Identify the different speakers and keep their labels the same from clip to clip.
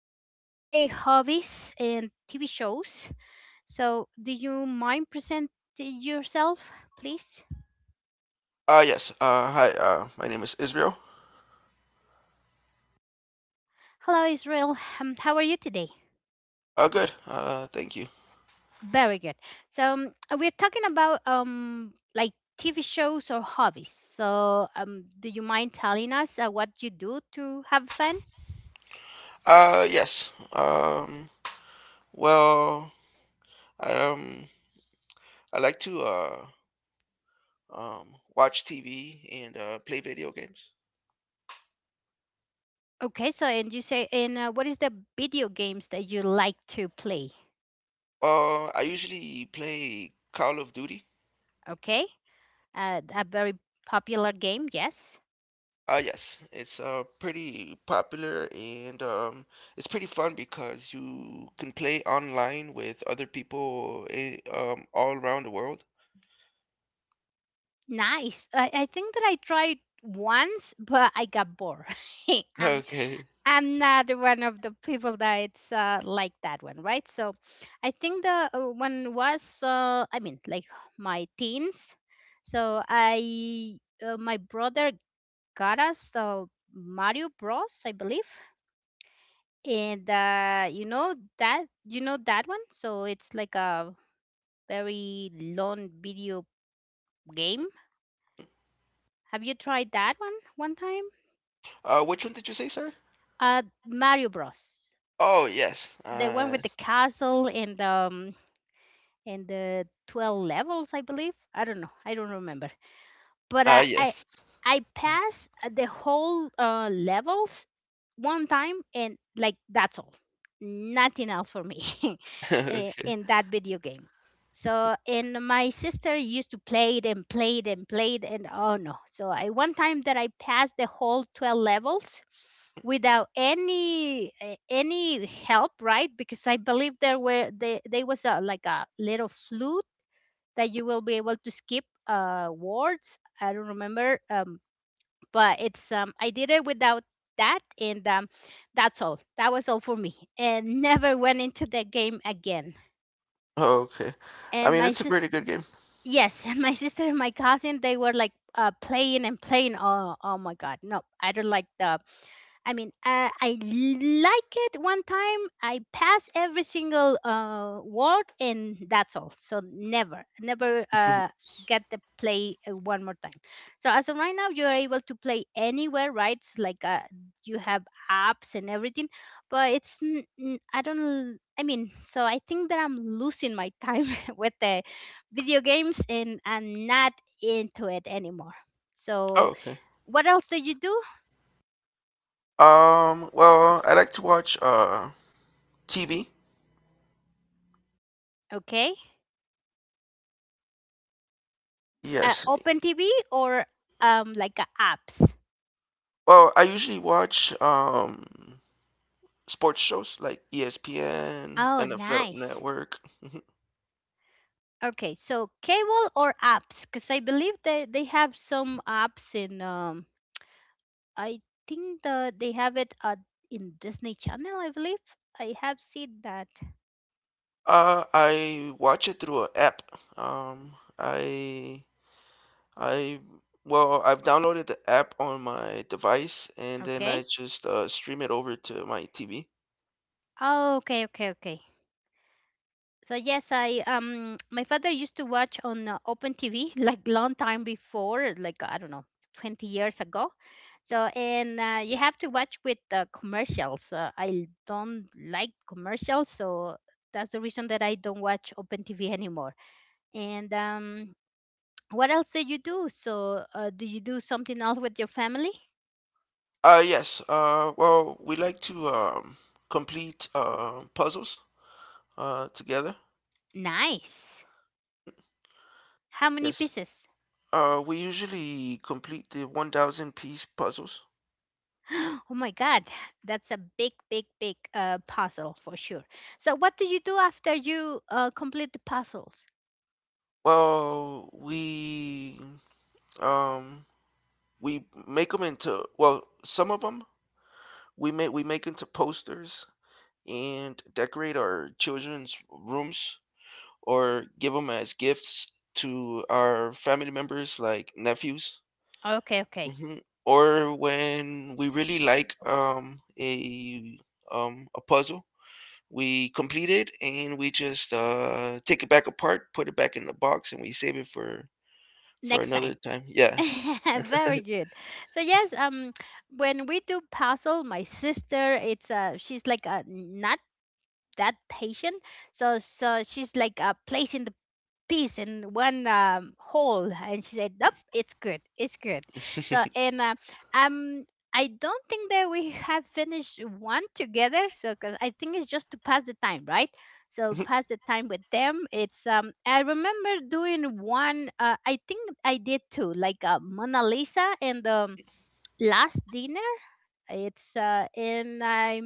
Speaker 1: about today hobbies and TV shows. So, do you mind present yourself, please?
Speaker 2: Yes. Hi. My name is Israel.
Speaker 1: Hello, Israel. How are you today?
Speaker 2: Good. Thank you.
Speaker 1: Very good. So, we're talking about like TV shows or hobbies. So, do you mind telling us what you do to have fun?
Speaker 2: Uh, yes. Um, well, um, I like to um, watch TV and play video games.
Speaker 1: Okay, so and you say, and what is the video games that you like to play?
Speaker 2: I usually play Call of Duty.
Speaker 1: Okay. A very popular game. Yes.
Speaker 2: Yes, it's pretty popular and It's pretty fun because you can play online with other people all around the world.
Speaker 1: Nice. I think that I tried once, but I got bored. I'm,
Speaker 2: Okay.
Speaker 1: I'm not one of the people that it's like that one, right? So I think the one was, I mean, like my teens. So I, my brother got us the Mario Bros, I believe. And you know that that one, so it's like a very long video game. Have you tried that one time?
Speaker 2: Which one did you say, sir?
Speaker 1: Mario Bros.
Speaker 2: Oh, yes.
Speaker 1: The one with the castle and and the 12 levels, I believe. I don't know. I don't remember. But I
Speaker 2: Yes.
Speaker 1: I, I passed the whole levels one time, and like that's all, nothing else for me
Speaker 2: Okay.
Speaker 1: in that video game. So and my sister used to play it and play it and play it and oh no. So I one time that I passed the whole 12 levels without any help, right? Because I believe there were they was a, like a little flute that you will be able to skip words. I don't remember, but it's I did it without that, and that's all. That was all for me, and never went into the game again.
Speaker 2: Oh, okay. I
Speaker 1: And
Speaker 2: mean,
Speaker 1: my
Speaker 2: it's a
Speaker 1: sister,
Speaker 2: pretty good game.
Speaker 1: yes, and my sister and my cousin, they were like playing and playing. Oh, oh my God, no, I don't like the I mean, I like it one time. I pass every single word, and that's all. So never, get the play one more time. So as of right now, you are able to play anywhere, right? It's like you have apps and everything, but it's I don't. I mean, so I think that I'm losing my time with the video games, and I'm not into it anymore.
Speaker 2: Oh,
Speaker 1: So
Speaker 2: okay.
Speaker 1: what else do you do?
Speaker 2: Well, I like to watch TV.
Speaker 1: Okay.
Speaker 2: Yes.
Speaker 1: Open TV or like apps?
Speaker 2: Well, I usually watch sports shows like ESPN,
Speaker 1: Oh,
Speaker 2: NFL
Speaker 1: nice.
Speaker 2: Network.
Speaker 1: Okay, so cable or apps? Because I believe they have some apps in, I think they have it in Disney Channel, I believe. I have seen that.
Speaker 2: I watch it through an app. Um, I I Well, I've downloaded the app on my device, and then I
Speaker 1: Okay.
Speaker 2: just stream it over to my TV.
Speaker 1: Oh, okay, okay, okay. So yes, I, my father used to watch on open TV like long time before. Like, I don't know, 20 years ago. So and you have to watch with commercials. I don't like commercials, so that's the reason that I don't watch open TV anymore. And what else did you do? So do you do something else with your family?
Speaker 2: Yes. Well, we like to complete puzzles together.
Speaker 1: Nice. How many
Speaker 2: Yes.
Speaker 1: pieces?
Speaker 2: We usually complete the 1,000 piece puzzles.
Speaker 1: Oh my God, that's a big, big, big puzzle for sure. So, what do you do after you complete the puzzles?
Speaker 2: Well, we um we make them into well, some of them we make into posters and decorate our children's rooms, or give them as gifts to our family members like nephews.
Speaker 1: Okay, okay,
Speaker 2: hmm Or when we really like a puzzle, we complete it and we just take it back apart, put it back in the box, and we save it for
Speaker 1: next
Speaker 2: another
Speaker 1: time.
Speaker 2: time. Yeah.
Speaker 1: Very good. So yes, when we do puzzle, my sister, it's she's like not that patient. So she's like placing the piece in one hole and she said nope, it's good, it's good. So and um I don't think that we have finished one together, so because I think it's just to pass the time, right? So pass the time with them. It's I remember doing one, I think I did two, like Mona Lisa and Last Dinner. It's and I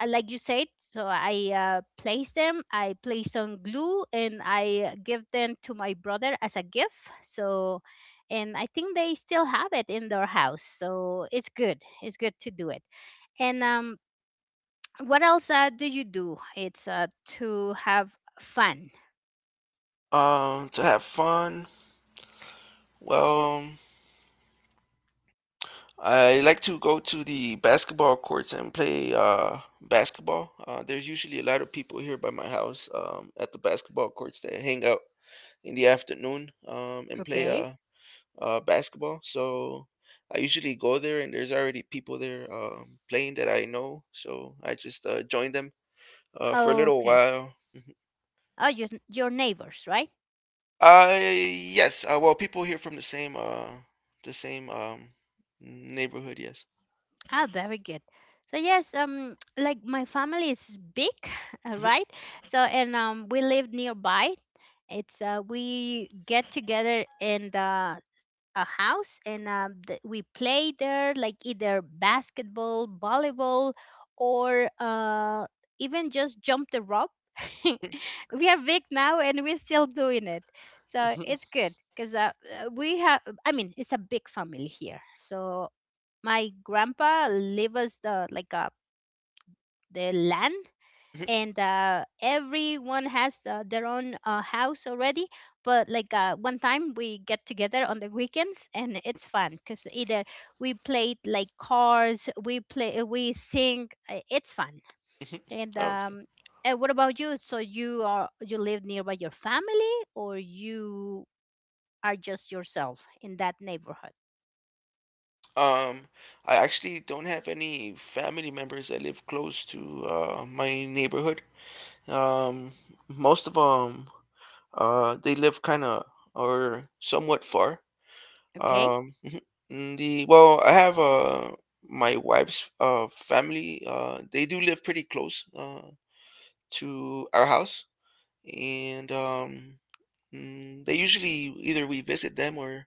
Speaker 1: Like you said, so I place them. I place some glue and I give them to my brother as a gift. So, and I think they still have it in their house, so it's good, it's good to do it. And what else do you do? It's to have fun.
Speaker 2: To have fun, well, I like to go to the basketball courts and play basketball. There's usually a lot of people here by my house at the basketball courts that hang out in the afternoon, and play
Speaker 1: Okay.
Speaker 2: basketball. So I usually go there, and there's already people there playing that I know. So I just joined them for a little
Speaker 1: Okay,
Speaker 2: while.
Speaker 1: oh, your neighbors, right?
Speaker 2: Yes. Well, people here from the same neighborhood. Yes.
Speaker 1: Ah, very good. So yes, like my family is big, right? So and we live nearby. It's we get together in the a house and we play there, like either basketball, volleyball, or even just jump the rope. We are big now and we're still doing it, so
Speaker 2: Mhm,
Speaker 1: it's good because we have. I mean, it's a big family here, so my grandpa lives the like the land
Speaker 2: mhm,
Speaker 1: and everyone has their own house already, but like one time we get together on the weekends. And it's fun because either we played like cars, we play, we sing, it's fun.
Speaker 2: mhm.
Speaker 1: And
Speaker 2: Okay.
Speaker 1: and what about you? So you are, you live nearby your family, or you are just yourself in that neighborhood?
Speaker 2: Um, I actually don't have any family members that live close to my neighborhood. Um, most of them, they live kind of or somewhat far.
Speaker 1: Okay,
Speaker 2: Mhm. I have my wife's family. They do live pretty close to our house, and they usually either we visit them or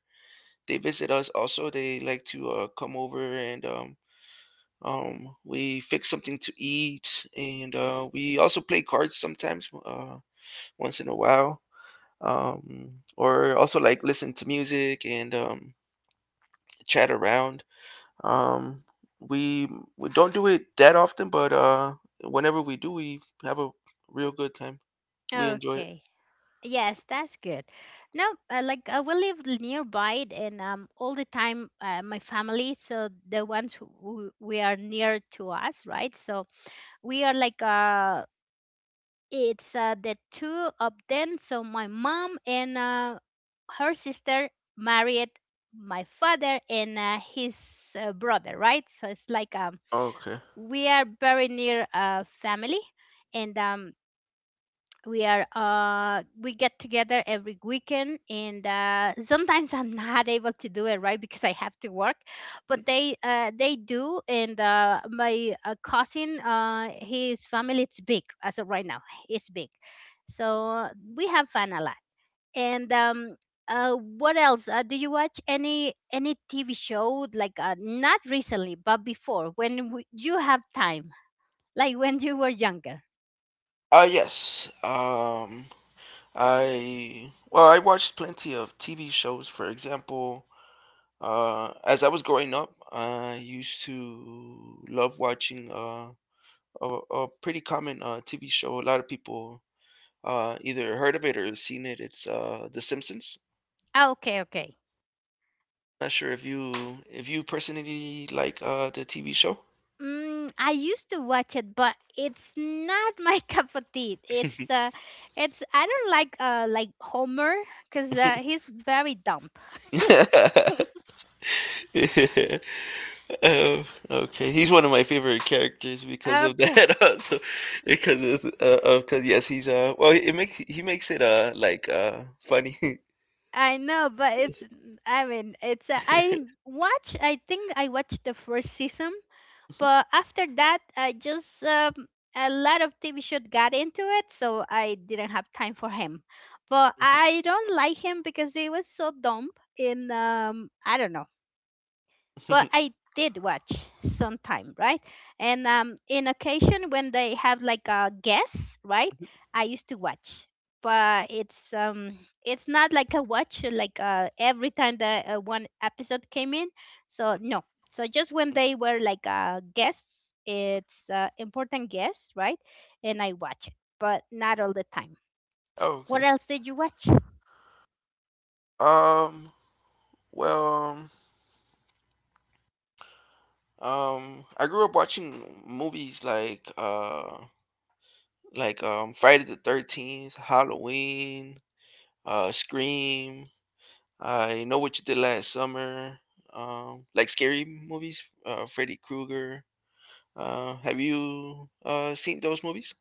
Speaker 2: they visit us. Also, they like to come over, and um we fix something to eat, and we also play cards sometimes once in a while. Um, or also like listen to music, and chat around. Um, we we don't do it that often, but whenever we do, we have a real good time. We enjoy it.
Speaker 1: okay. Yes, that's good. No, like we live nearby and all the time my family, so the ones who we are near to us, right? So we are like it's the two of them. So my mom and her sister married my father and his brother, right? So it's like
Speaker 2: Okay.
Speaker 1: we are very near family, and we are we get together every weekend. And sometimes I'm not able to do it, right? Because I have to work. But they do. And my cousin, his family, it's big as of right now. It's big. So we have fun a lot. And what else do you watch any TV show? Like, not recently but before, when you have time, like when you were younger?
Speaker 2: Uh yes. Um, I watched plenty of TV shows. For example, as I was growing up, I used to love watching a pretty common TV show. A lot of people either heard of it or seen it. It's The Simpsons.
Speaker 1: Ah, okay, okay.
Speaker 2: Not sure if you personally like the TV show.
Speaker 1: Mm, I used to watch it, but it's not my cup of tea. It's uh, it's I don't like Homer because he's very dumb.
Speaker 2: Yeah. Um, okay, he's one of my favorite characters because of
Speaker 1: Okay,
Speaker 2: that. Also, because of cause yes, he's well, it makes he makes it funny.
Speaker 1: I know, but it's, I mean, it's I watch. I think I watched the first season, but after that I just a lot of TV show got into it, so I didn't have time for him. But I don't like him because he was so dumb. In I don't know. But I did watch sometime, right? And in occasion when they have like a guest, right? I used to watch, but it's not like a watch like every time that one episode came in. So no, so just when they were like guests, it's important guests, right? And I watch it, but not all the time.
Speaker 2: Oh,
Speaker 1: What
Speaker 2: okay.
Speaker 1: else did you watch?
Speaker 2: Um, well, um, um, I grew up watching movies Friday the 13th, Halloween, Scream, I Know What You Did Last Summer. Like scary movies, Freddy Krueger. Have you seen those movies?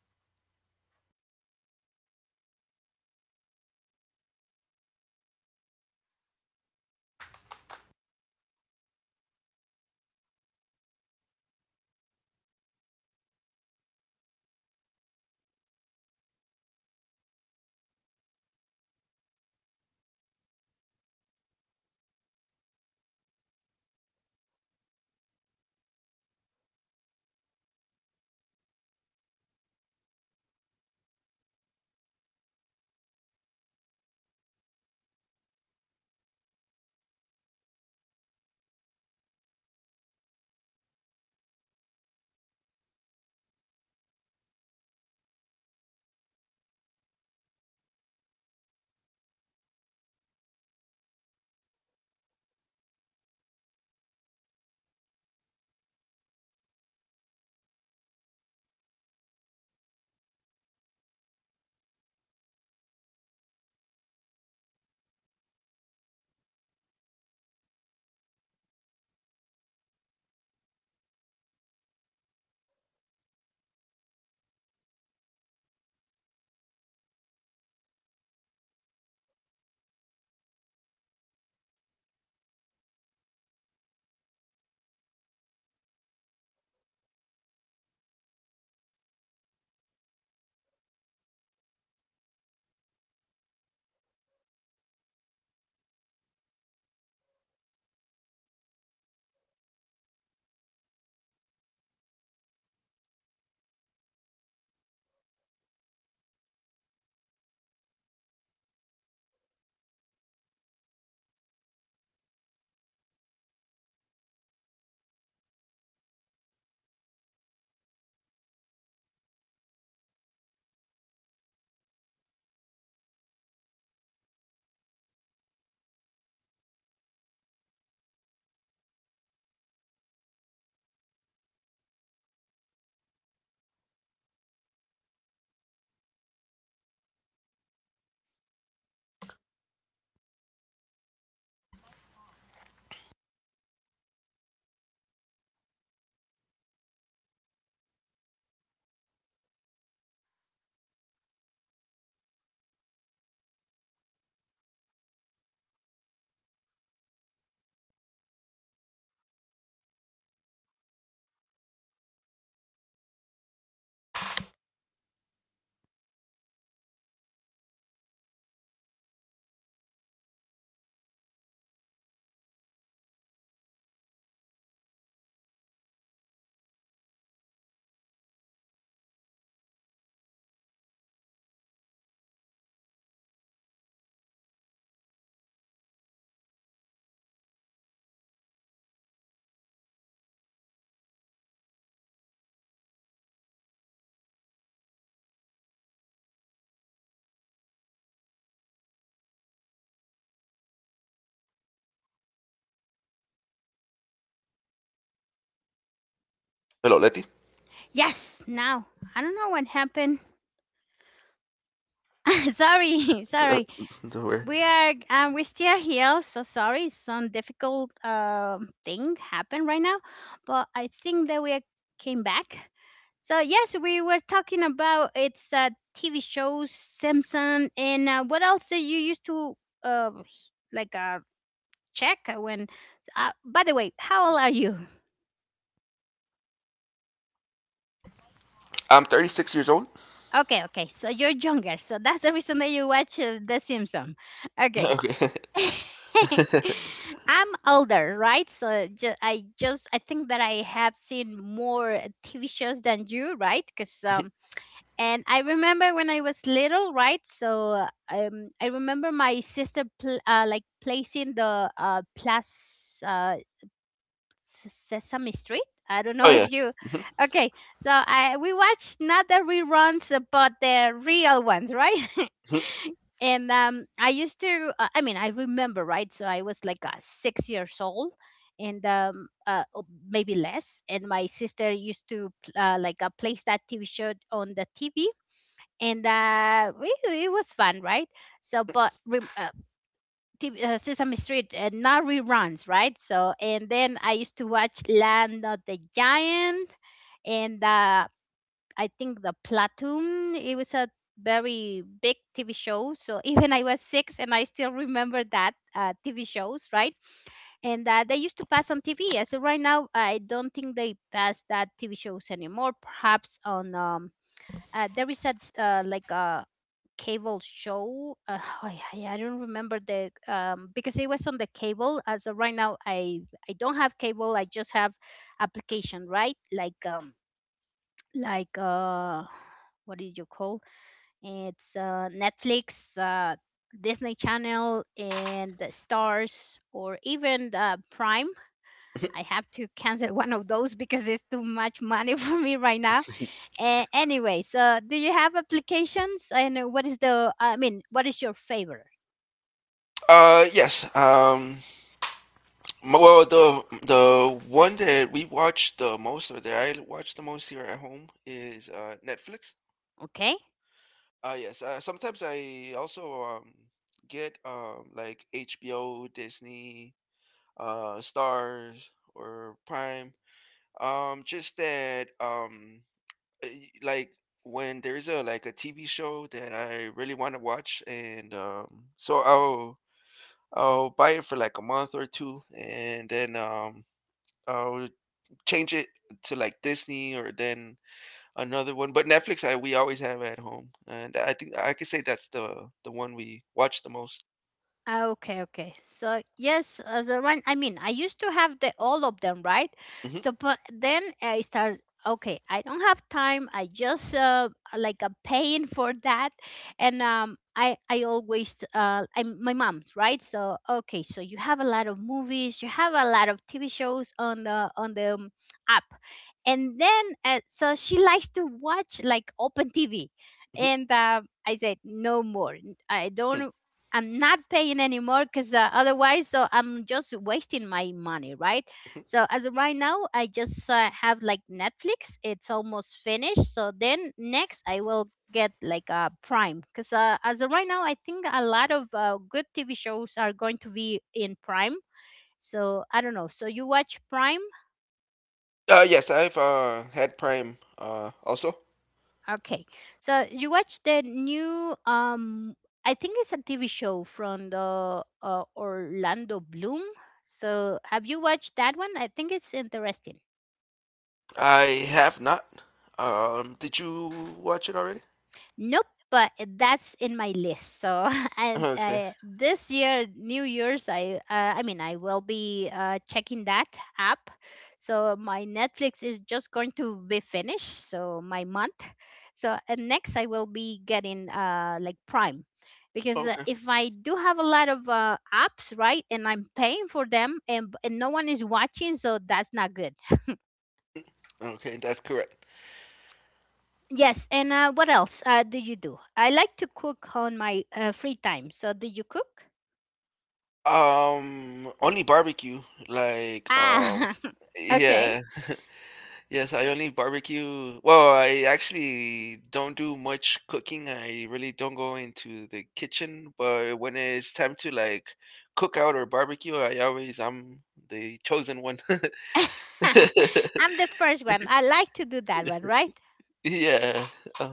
Speaker 2: Hello, Letty.
Speaker 1: Yes, now I don't know what happened. Sorry,
Speaker 2: Uh,
Speaker 1: sorry.
Speaker 2: don't worry.
Speaker 1: We're still here, so sorry, some difficult thing happened right now, but I think that we are came back. So yes, we were talking about, it's TV shows, Simpson, and what else that you used to like check when, by the way, how old are you?
Speaker 2: I'm 36 years old.
Speaker 1: Okay, okay, so you're younger, so that's the reason that you watch the Simpsons. Okay.
Speaker 2: Okay.
Speaker 1: I'm older, right? So I think that I have seen more TV shows than you, right? Because and I remember when I was little, right? So I remember my sister like placing the plus Sesame Street. I don't know
Speaker 2: Oh yeah.
Speaker 1: if you.
Speaker 2: Mhm,
Speaker 1: Okay, so I we watched not the reruns, but the real ones, right?
Speaker 2: mhm,
Speaker 1: And I used to. I mean, I remember, right? So I was like 6 years old, and maybe less. And my sister used to place that TV show on the TV. And it was fun, right? So, but TV, Sesame Street, not reruns, right? So, and then I used to watch Land of the Giant and I think The Platoon. It was a very big TV show. So, even I was six and I still remember that TV shows, right? And they used to pass on TV. So, right now, I don't think they pass that TV shows anymore. Perhaps on, there is a like a cable show. I don't remember the because it was on the cable. As of right now, I don't have cable. I just have application, right? Like, what did you call? It's Netflix, Disney Channel, and the Stars, or even Prime.
Speaker 2: mhm.
Speaker 1: I have to cancel one of those because it's too much money for me right now. Anyways, do you have applications? And what is the? I mean, what is your favor?
Speaker 2: Yes. M- Well, the one that we watch the most, or that I watch the most here at home is Netflix.
Speaker 1: Okay.
Speaker 2: Yes. Sometimes I also get like HBO, Disney, Stars or Prime. Just that y- like When there's a TV show that I really want to watch, and so I'll buy it for like a month or two, and then I'll change it to like Disney, or then another one. But Netflix, I we always have at home, and I think I could say that's the one we watch the most.
Speaker 1: Okay. So yes, the one I mean, I used to have the all of them, right?
Speaker 2: hmm
Speaker 1: So but then I start. Okay, I don't have time. I just like I'm paying for that, and I always I'm my mom's right. So okay, so you have a lot of movies, you have a lot of TV shows on the app, and then so she likes to watch like open TV,
Speaker 2: hmm
Speaker 1: and I said no more. I
Speaker 2: mm
Speaker 1: don't. I'm not paying anymore because otherwise, so I'm just wasting my money, right?
Speaker 2: mhm.
Speaker 1: So as of right now, I just have like Netflix. It's almost finished. So then next, I will get like a Prime because as of right now, I think a lot of good TV shows are going to be in Prime. So I don't know. So you watch Prime?
Speaker 2: Yes, I've had Prime. Also,
Speaker 1: Okay. So you watch the new I think it's a TV show from the Orlando Bloom. So have you watched that one? I think it's interesting.
Speaker 2: I have not. Did you watch it already?
Speaker 1: Nope, but that's in my list. So and
Speaker 2: Okay,
Speaker 1: I, this year, New Year's, I mean I will be checking that app. So my Netflix is just going to be finished. So my month. So and next I will be getting like Prime. Because
Speaker 2: okay,
Speaker 1: if I do have a lot of apps, right, and I'm paying for them, and no one is watching, so that's not good.
Speaker 2: okay. That's correct.
Speaker 1: Yes, and what else do you do? I like to cook on my free time. So, do you cook?
Speaker 2: Only barbecue, like
Speaker 1: Ah, okay.
Speaker 2: yeah. Yes, I only barbecue. Well, I actually don't do much cooking. I really don't go into the kitchen, but when it's time to like cook out or barbecue, I'm the chosen one.
Speaker 1: I'm the first one. I like to do that one, right?
Speaker 2: Yeah. Uh,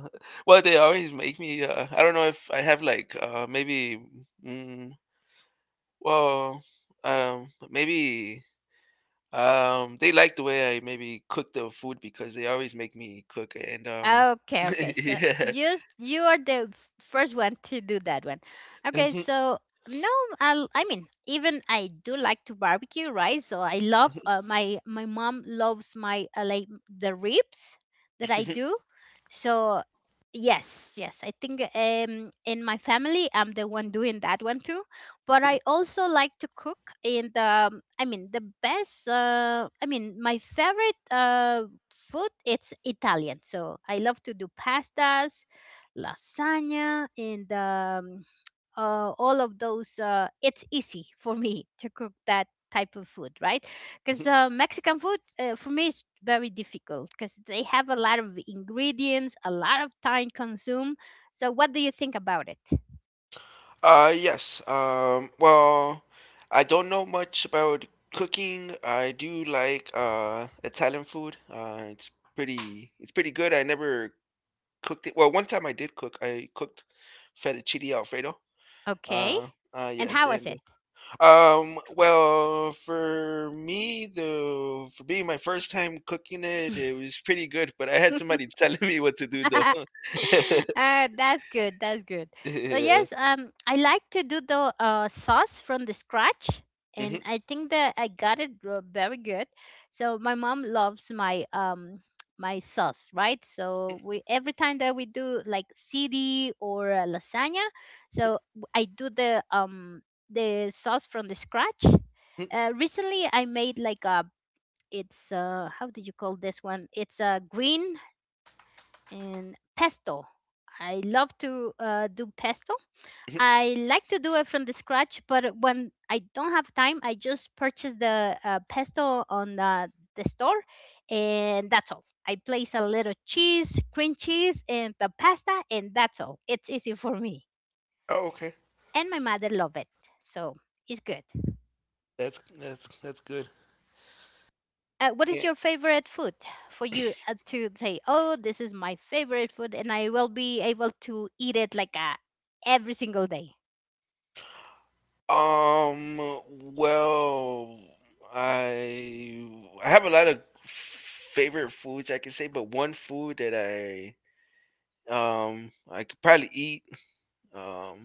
Speaker 2: well, they always make me. I don't know if I have like maybe mm, well maybe they like the way I maybe cook the food, because they always make me cook and
Speaker 1: Ah, Okay, okay. So
Speaker 2: Yeah.
Speaker 1: just you are the first one to do that one. Okay,
Speaker 2: Mhm.
Speaker 1: so no, I mean even I do like to barbecue, right? So I love my mom loves my like the ribs that I do. So yes, yes, I think in my family I'm the one doing that one too. But I also like to cook in the I mean the best I mean my favorite food, it's Italian. So I love to do pastas, lasagna, and all of those. It's easy for me to cook that type of food, right? Because Mexican food for me is very difficult because they have a lot of ingredients, a lot of time consumed. So what do you think about it?
Speaker 2: Yes. Well, I don't know much about cooking. I do like Italian food. It's pretty good. I never cooked it. Well, one time I did cook. I cooked fettuccine alfredo.
Speaker 1: Okay,
Speaker 2: Uh,
Speaker 1: and
Speaker 2: yes,
Speaker 1: how is it?
Speaker 2: and well, for me, the for being my first time cooking it, it was pretty good. But I had somebody telling me what to do, though.
Speaker 1: That's good. That's good. So
Speaker 2: Yeah.
Speaker 1: yes, I like to do the sauce from the scratch,
Speaker 2: hmm
Speaker 1: and I think that I got it very good. So my mom loves my my sauce, right? So we every time that we do like CD or lasagna, so I do the sauce from the scratch. Recently, I made like a it's how do you call this one? It's a green and pesto. I love to do pesto. I like to do it from the scratch, but when I don't have time, I just purchase the pesto on the store, and that's all. I place a little cheese, cream cheese, and the pasta, and that's all. It's easy for me,
Speaker 2: Oh, okay.
Speaker 1: and my mother love it, so it's good.
Speaker 2: That's good.
Speaker 1: What
Speaker 2: Yeah.
Speaker 1: is your favorite food for you to say? Oh, this is my favorite food, and I will be able to eat it like every single day.
Speaker 2: Um. Well, I I have a lot of favorite foods I can say, but one food that um I could probably eat um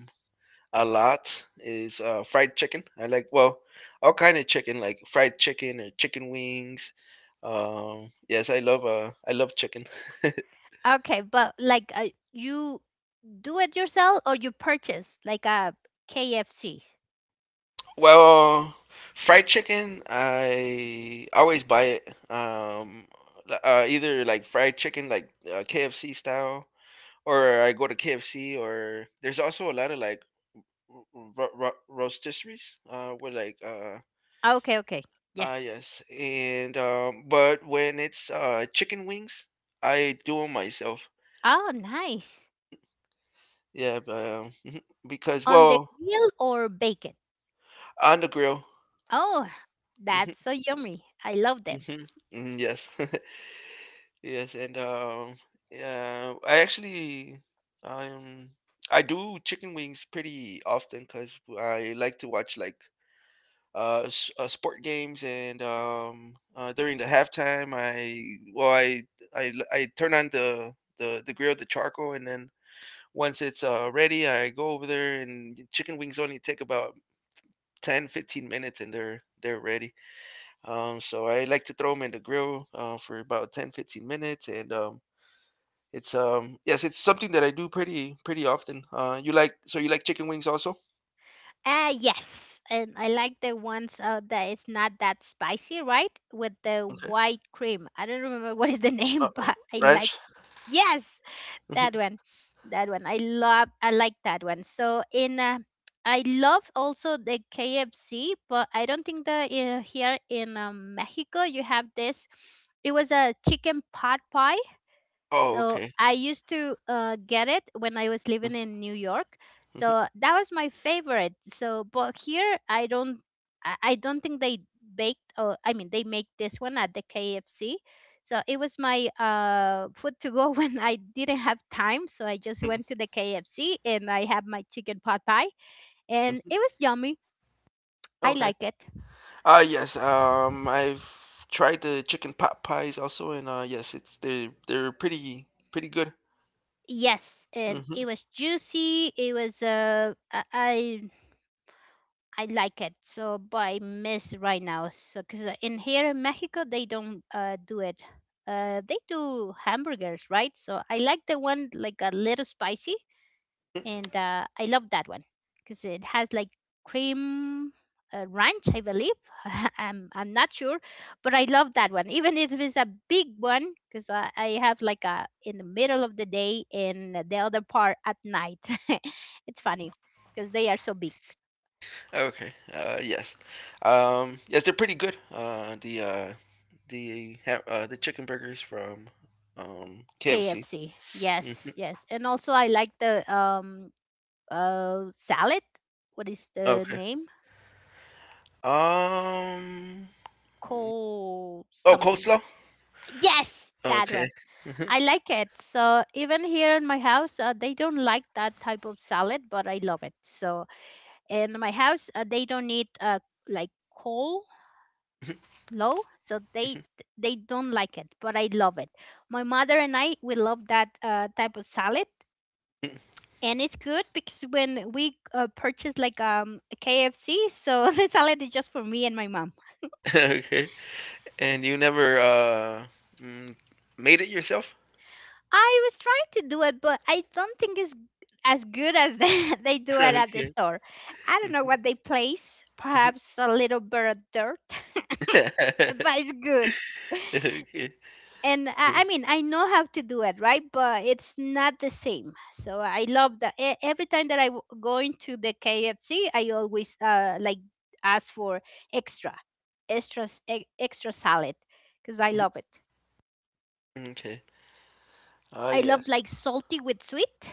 Speaker 2: a lot is fried chicken. I like all kind of chicken, like fried chicken or chicken wings. Yes, I love chicken.
Speaker 1: Okay, but like you do it yourself or you purchase like a KFC?
Speaker 2: Well, fried chicken, I always buy it. Either like fried chicken, like KFC style, or I go to KFC. Or there's also a lot of like ro- ro- rotisseries, with like
Speaker 1: Okay, okay.
Speaker 2: ah
Speaker 1: Yes.
Speaker 2: yes, and but when it's chicken wings, I do them myself.
Speaker 1: Oh, nice.
Speaker 2: Yeah, but because
Speaker 1: On the
Speaker 2: well,
Speaker 1: grill or bake it?
Speaker 2: on the grill.
Speaker 1: Oh, that's
Speaker 2: hmm
Speaker 1: so yummy. I love them.
Speaker 2: hmm yes. Yes, and yeah, I actually, um, I do chicken wings pretty often because I like to watch like sport games, and during the halftime I well I l- I turn on the grill, the charcoal, and then once it's ready, I go over there, and chicken wings only take about 10 15 minutes, and they're ready. So I like to throw them in the grill for about 10 15 minutes and it's Yes, it's something that I do pretty often. You like so you like chicken wings also?
Speaker 1: Yes, and I like the ones that it's not that spicy, right? With the
Speaker 2: Okay.
Speaker 1: white cream. I don't remember what is the
Speaker 2: Uh,
Speaker 1: name,
Speaker 2: uh,
Speaker 1: but I like.
Speaker 2: Ranch.
Speaker 1: Yes, that
Speaker 2: hmm
Speaker 1: one. That one I love I like that one so in I love also the kfc but I don't think that here in mexico you have this. It was a chicken pot pie,
Speaker 2: Oh,
Speaker 1: so
Speaker 2: okay.
Speaker 1: I used to get it when I was
Speaker 2: hmm
Speaker 1: living in New York.
Speaker 2: hmm
Speaker 1: So that was my favorite. So, but here I don't, I don't think they baked. Or I mean, they make this one at the KFC. So it was my food to go when I didn't have time. So I just
Speaker 2: Mm,
Speaker 1: went to the KFC and I had my chicken pot pie,
Speaker 2: mhm.
Speaker 1: and it was yummy. I
Speaker 2: Okay.
Speaker 1: like it.
Speaker 2: Yes. I've tried the chicken pot pies also, and yes, it's they're pretty good.
Speaker 1: Yes, and
Speaker 2: Mm-hmm.
Speaker 1: it was juicy. It was I like it. So, but I miss right now. So, because in here in Mexico, they don't do it. They do hamburgers, right? So I like the one like a little spicy, and I love that one because it has like cream ranch, I believe. I'm not sure, but I love that one, even if it's a big one, because I have like a in the middle of the day and the other part at night. It's funny because they are so big.
Speaker 2: Okay. Yes. Yes, they're pretty good. The ha- the chicken burgers from KFC.
Speaker 1: KFC.
Speaker 2: hmm
Speaker 1: Yes, yes. And also I like the salad. What is the
Speaker 2: Okay.
Speaker 1: name?
Speaker 2: Um.
Speaker 1: Cole
Speaker 2: Oh,
Speaker 1: something.
Speaker 2: coleslaw.
Speaker 1: Yes, that
Speaker 2: Okay.
Speaker 1: one. I like it. So even here in my house, they don't like that type of salad, but I love it. So in my house, they don't need like coal slow, so they don't like it, but I love it. My mother and I we love that type of salad, and it's good because when we purchase like a KFC, so the salad is just for me and my mom.
Speaker 2: Okay. And you never mm, made it yourself?
Speaker 1: I was trying to do it, but I don't think it's as good as they do it at the
Speaker 2: Okay.
Speaker 1: store. I don't know
Speaker 2: Mhm.
Speaker 1: what they place,
Speaker 2: Mhm.
Speaker 1: perhaps a little bit of dirt, but it's good.
Speaker 2: Okay.
Speaker 1: And I mean I know how to do it right but it's not the same so I love that every time that go into the kfc I always like ask for extra extra salad because I love it.
Speaker 2: Okay. Ah,
Speaker 1: I love
Speaker 2: yes.
Speaker 1: like salty with sweet.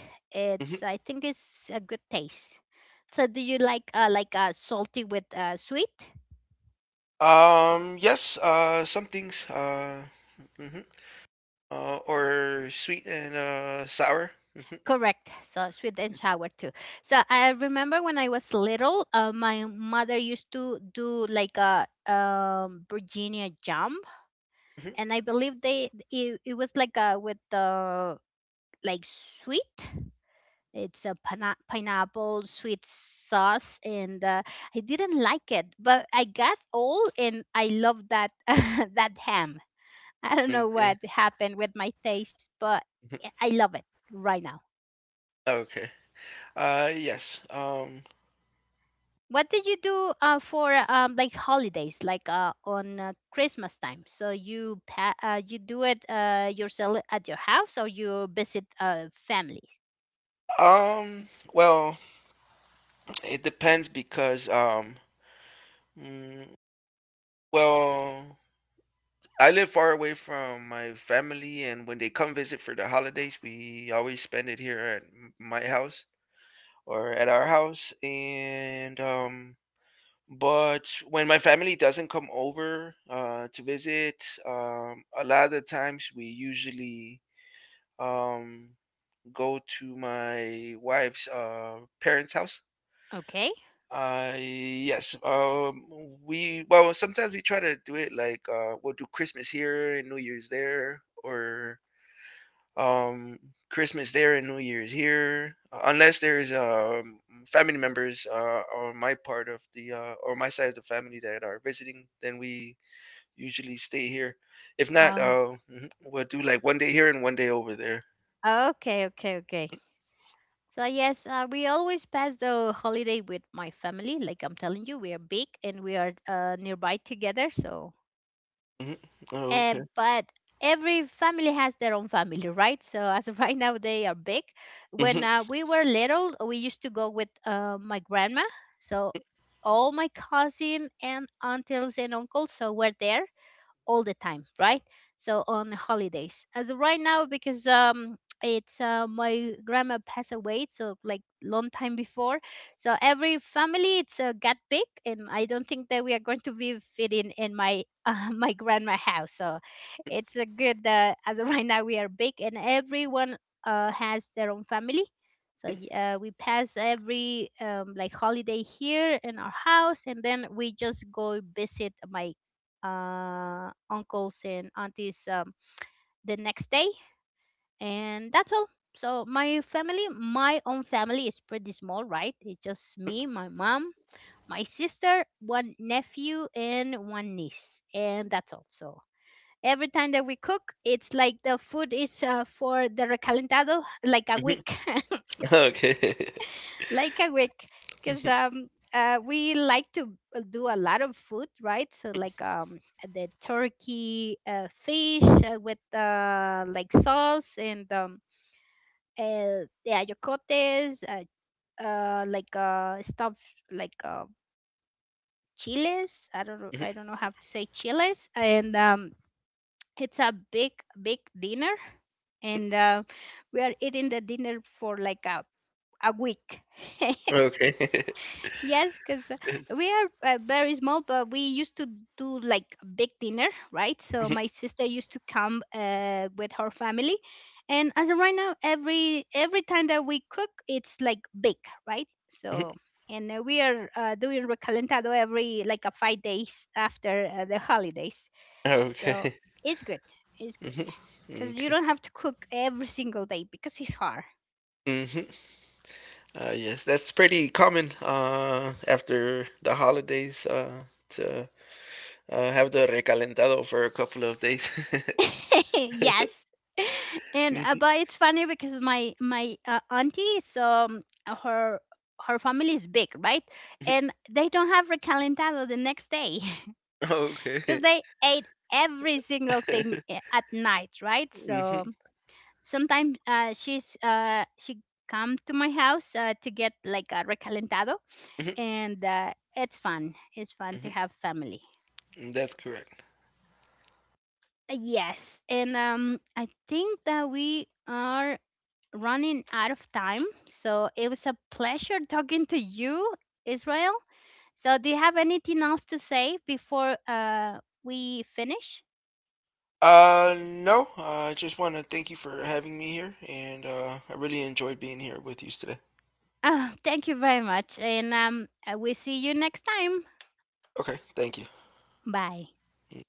Speaker 2: hmm
Speaker 1: It's I think it's a good taste. So do you like salty with sweet?
Speaker 2: Yes, some things, mhm. Or sweet and sour.
Speaker 1: Correct. So sweet and sour too. So I remember when I was little, my mother used to do like a Virginia jam,
Speaker 2: Mhm, mhm.
Speaker 1: and I believe they it was like a with the like sweet. It's a pineapple sweet sauce, and I didn't like it, but I got old and I love that that ham. I don't know
Speaker 2: Okay.
Speaker 1: what happened with my taste, but I love it right now.
Speaker 2: Okay. Yes.
Speaker 1: What did you do for like holidays, like on Christmas time? So you you do it yourself at your house, or you visit families?
Speaker 2: Well, it depends because, mm, well, I live far away from my family, and when they come visit for the holidays, we always spend it here at my house, or at our house. And, but when my family doesn't come over to visit, a lot of the times we usually um go to my wife's parents' house.
Speaker 1: Okay.
Speaker 2: Yes. We well Sometimes we try to do it like we'll do Christmas here and New Year's there, or um Christmas there and New Year's here, unless there's family members on my part of the or my side of the family that are visiting, then we usually stay here. If not
Speaker 1: Oh,
Speaker 2: uh mhm, we'll do like one day here and one day over there.
Speaker 1: okay, okay, okay. So yes, we always pass the holiday with my family. Like I'm telling you, we are big and we are nearby together. So
Speaker 2: Okay.
Speaker 1: But every family has their own family, right? So as of right now, they are big. When we were little, we used to go with my grandma. So all my cousin and uncles so were there all the time, right? So on the holidays. As of right now, because it's my grandma passed away, so like long time before. So every family it's got big, and I don't think that we are going to be fitting in my my grandma house. So it's a good as of right now we are big, and everyone has their own family. So we pass every like holiday here in our house, and then we just go visit my uncles and aunties the next day, and that's all. So my family, my own family is pretty small, right? It's just me, my mom, my sister, one nephew, and one niece, and that's all. So every time that we cook, it's like the food is for the recalentado like a
Speaker 2: Mhm.
Speaker 1: week.
Speaker 2: Okay.
Speaker 1: Like a week because we like to do a lot of food right so like the turkey fish with like sauce and the ayocotes like stuffed like chiles. I don't know
Speaker 2: Mhm.
Speaker 1: I don't know how to say chiles, and it's a big dinner, and we are eating the dinner for like a week.
Speaker 2: Okay.
Speaker 1: Yes, because we are very small, but we used to do like a big dinner, right? So
Speaker 2: Mhm.
Speaker 1: my sister used to come with her family, and as of right now, every time that we cook, it's like big, right?
Speaker 2: Mhm.
Speaker 1: So and we are doing recalentado every like a 5 days after the holidays. So
Speaker 2: Okay.
Speaker 1: it's good, it's good,
Speaker 2: Mhm.
Speaker 1: because you
Speaker 2: Okay.
Speaker 1: don't have to cook every single day because it's hard.
Speaker 2: Mhm. Yes, that's pretty common after the holidays to have the recalentado for a couple of days.
Speaker 1: Yes, and
Speaker 2: Mhm.
Speaker 1: but it's funny because my auntie so her family is big right, and they don't have recalentado the next day.
Speaker 2: Okay.
Speaker 1: Because they ate every single thing at night right. So
Speaker 2: Mhm.
Speaker 1: sometimes she come to my house to get like a recalentado,
Speaker 2: Mhm.
Speaker 1: and it's fun, it's fun to
Speaker 2: Mhm.
Speaker 1: have family.
Speaker 2: That's correct.
Speaker 1: Yes, and I think that we are running out of time. So it was a pleasure talking to you, Israel. So do you have anything else to say before we finish?
Speaker 2: Uh, no, I just want to thank you for having me here, and I really enjoyed being here with you today.
Speaker 1: Oh, thank you very much, and we see you next time.
Speaker 2: Okay, thank you.
Speaker 1: Bye.
Speaker 2: Mm.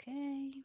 Speaker 1: Okay.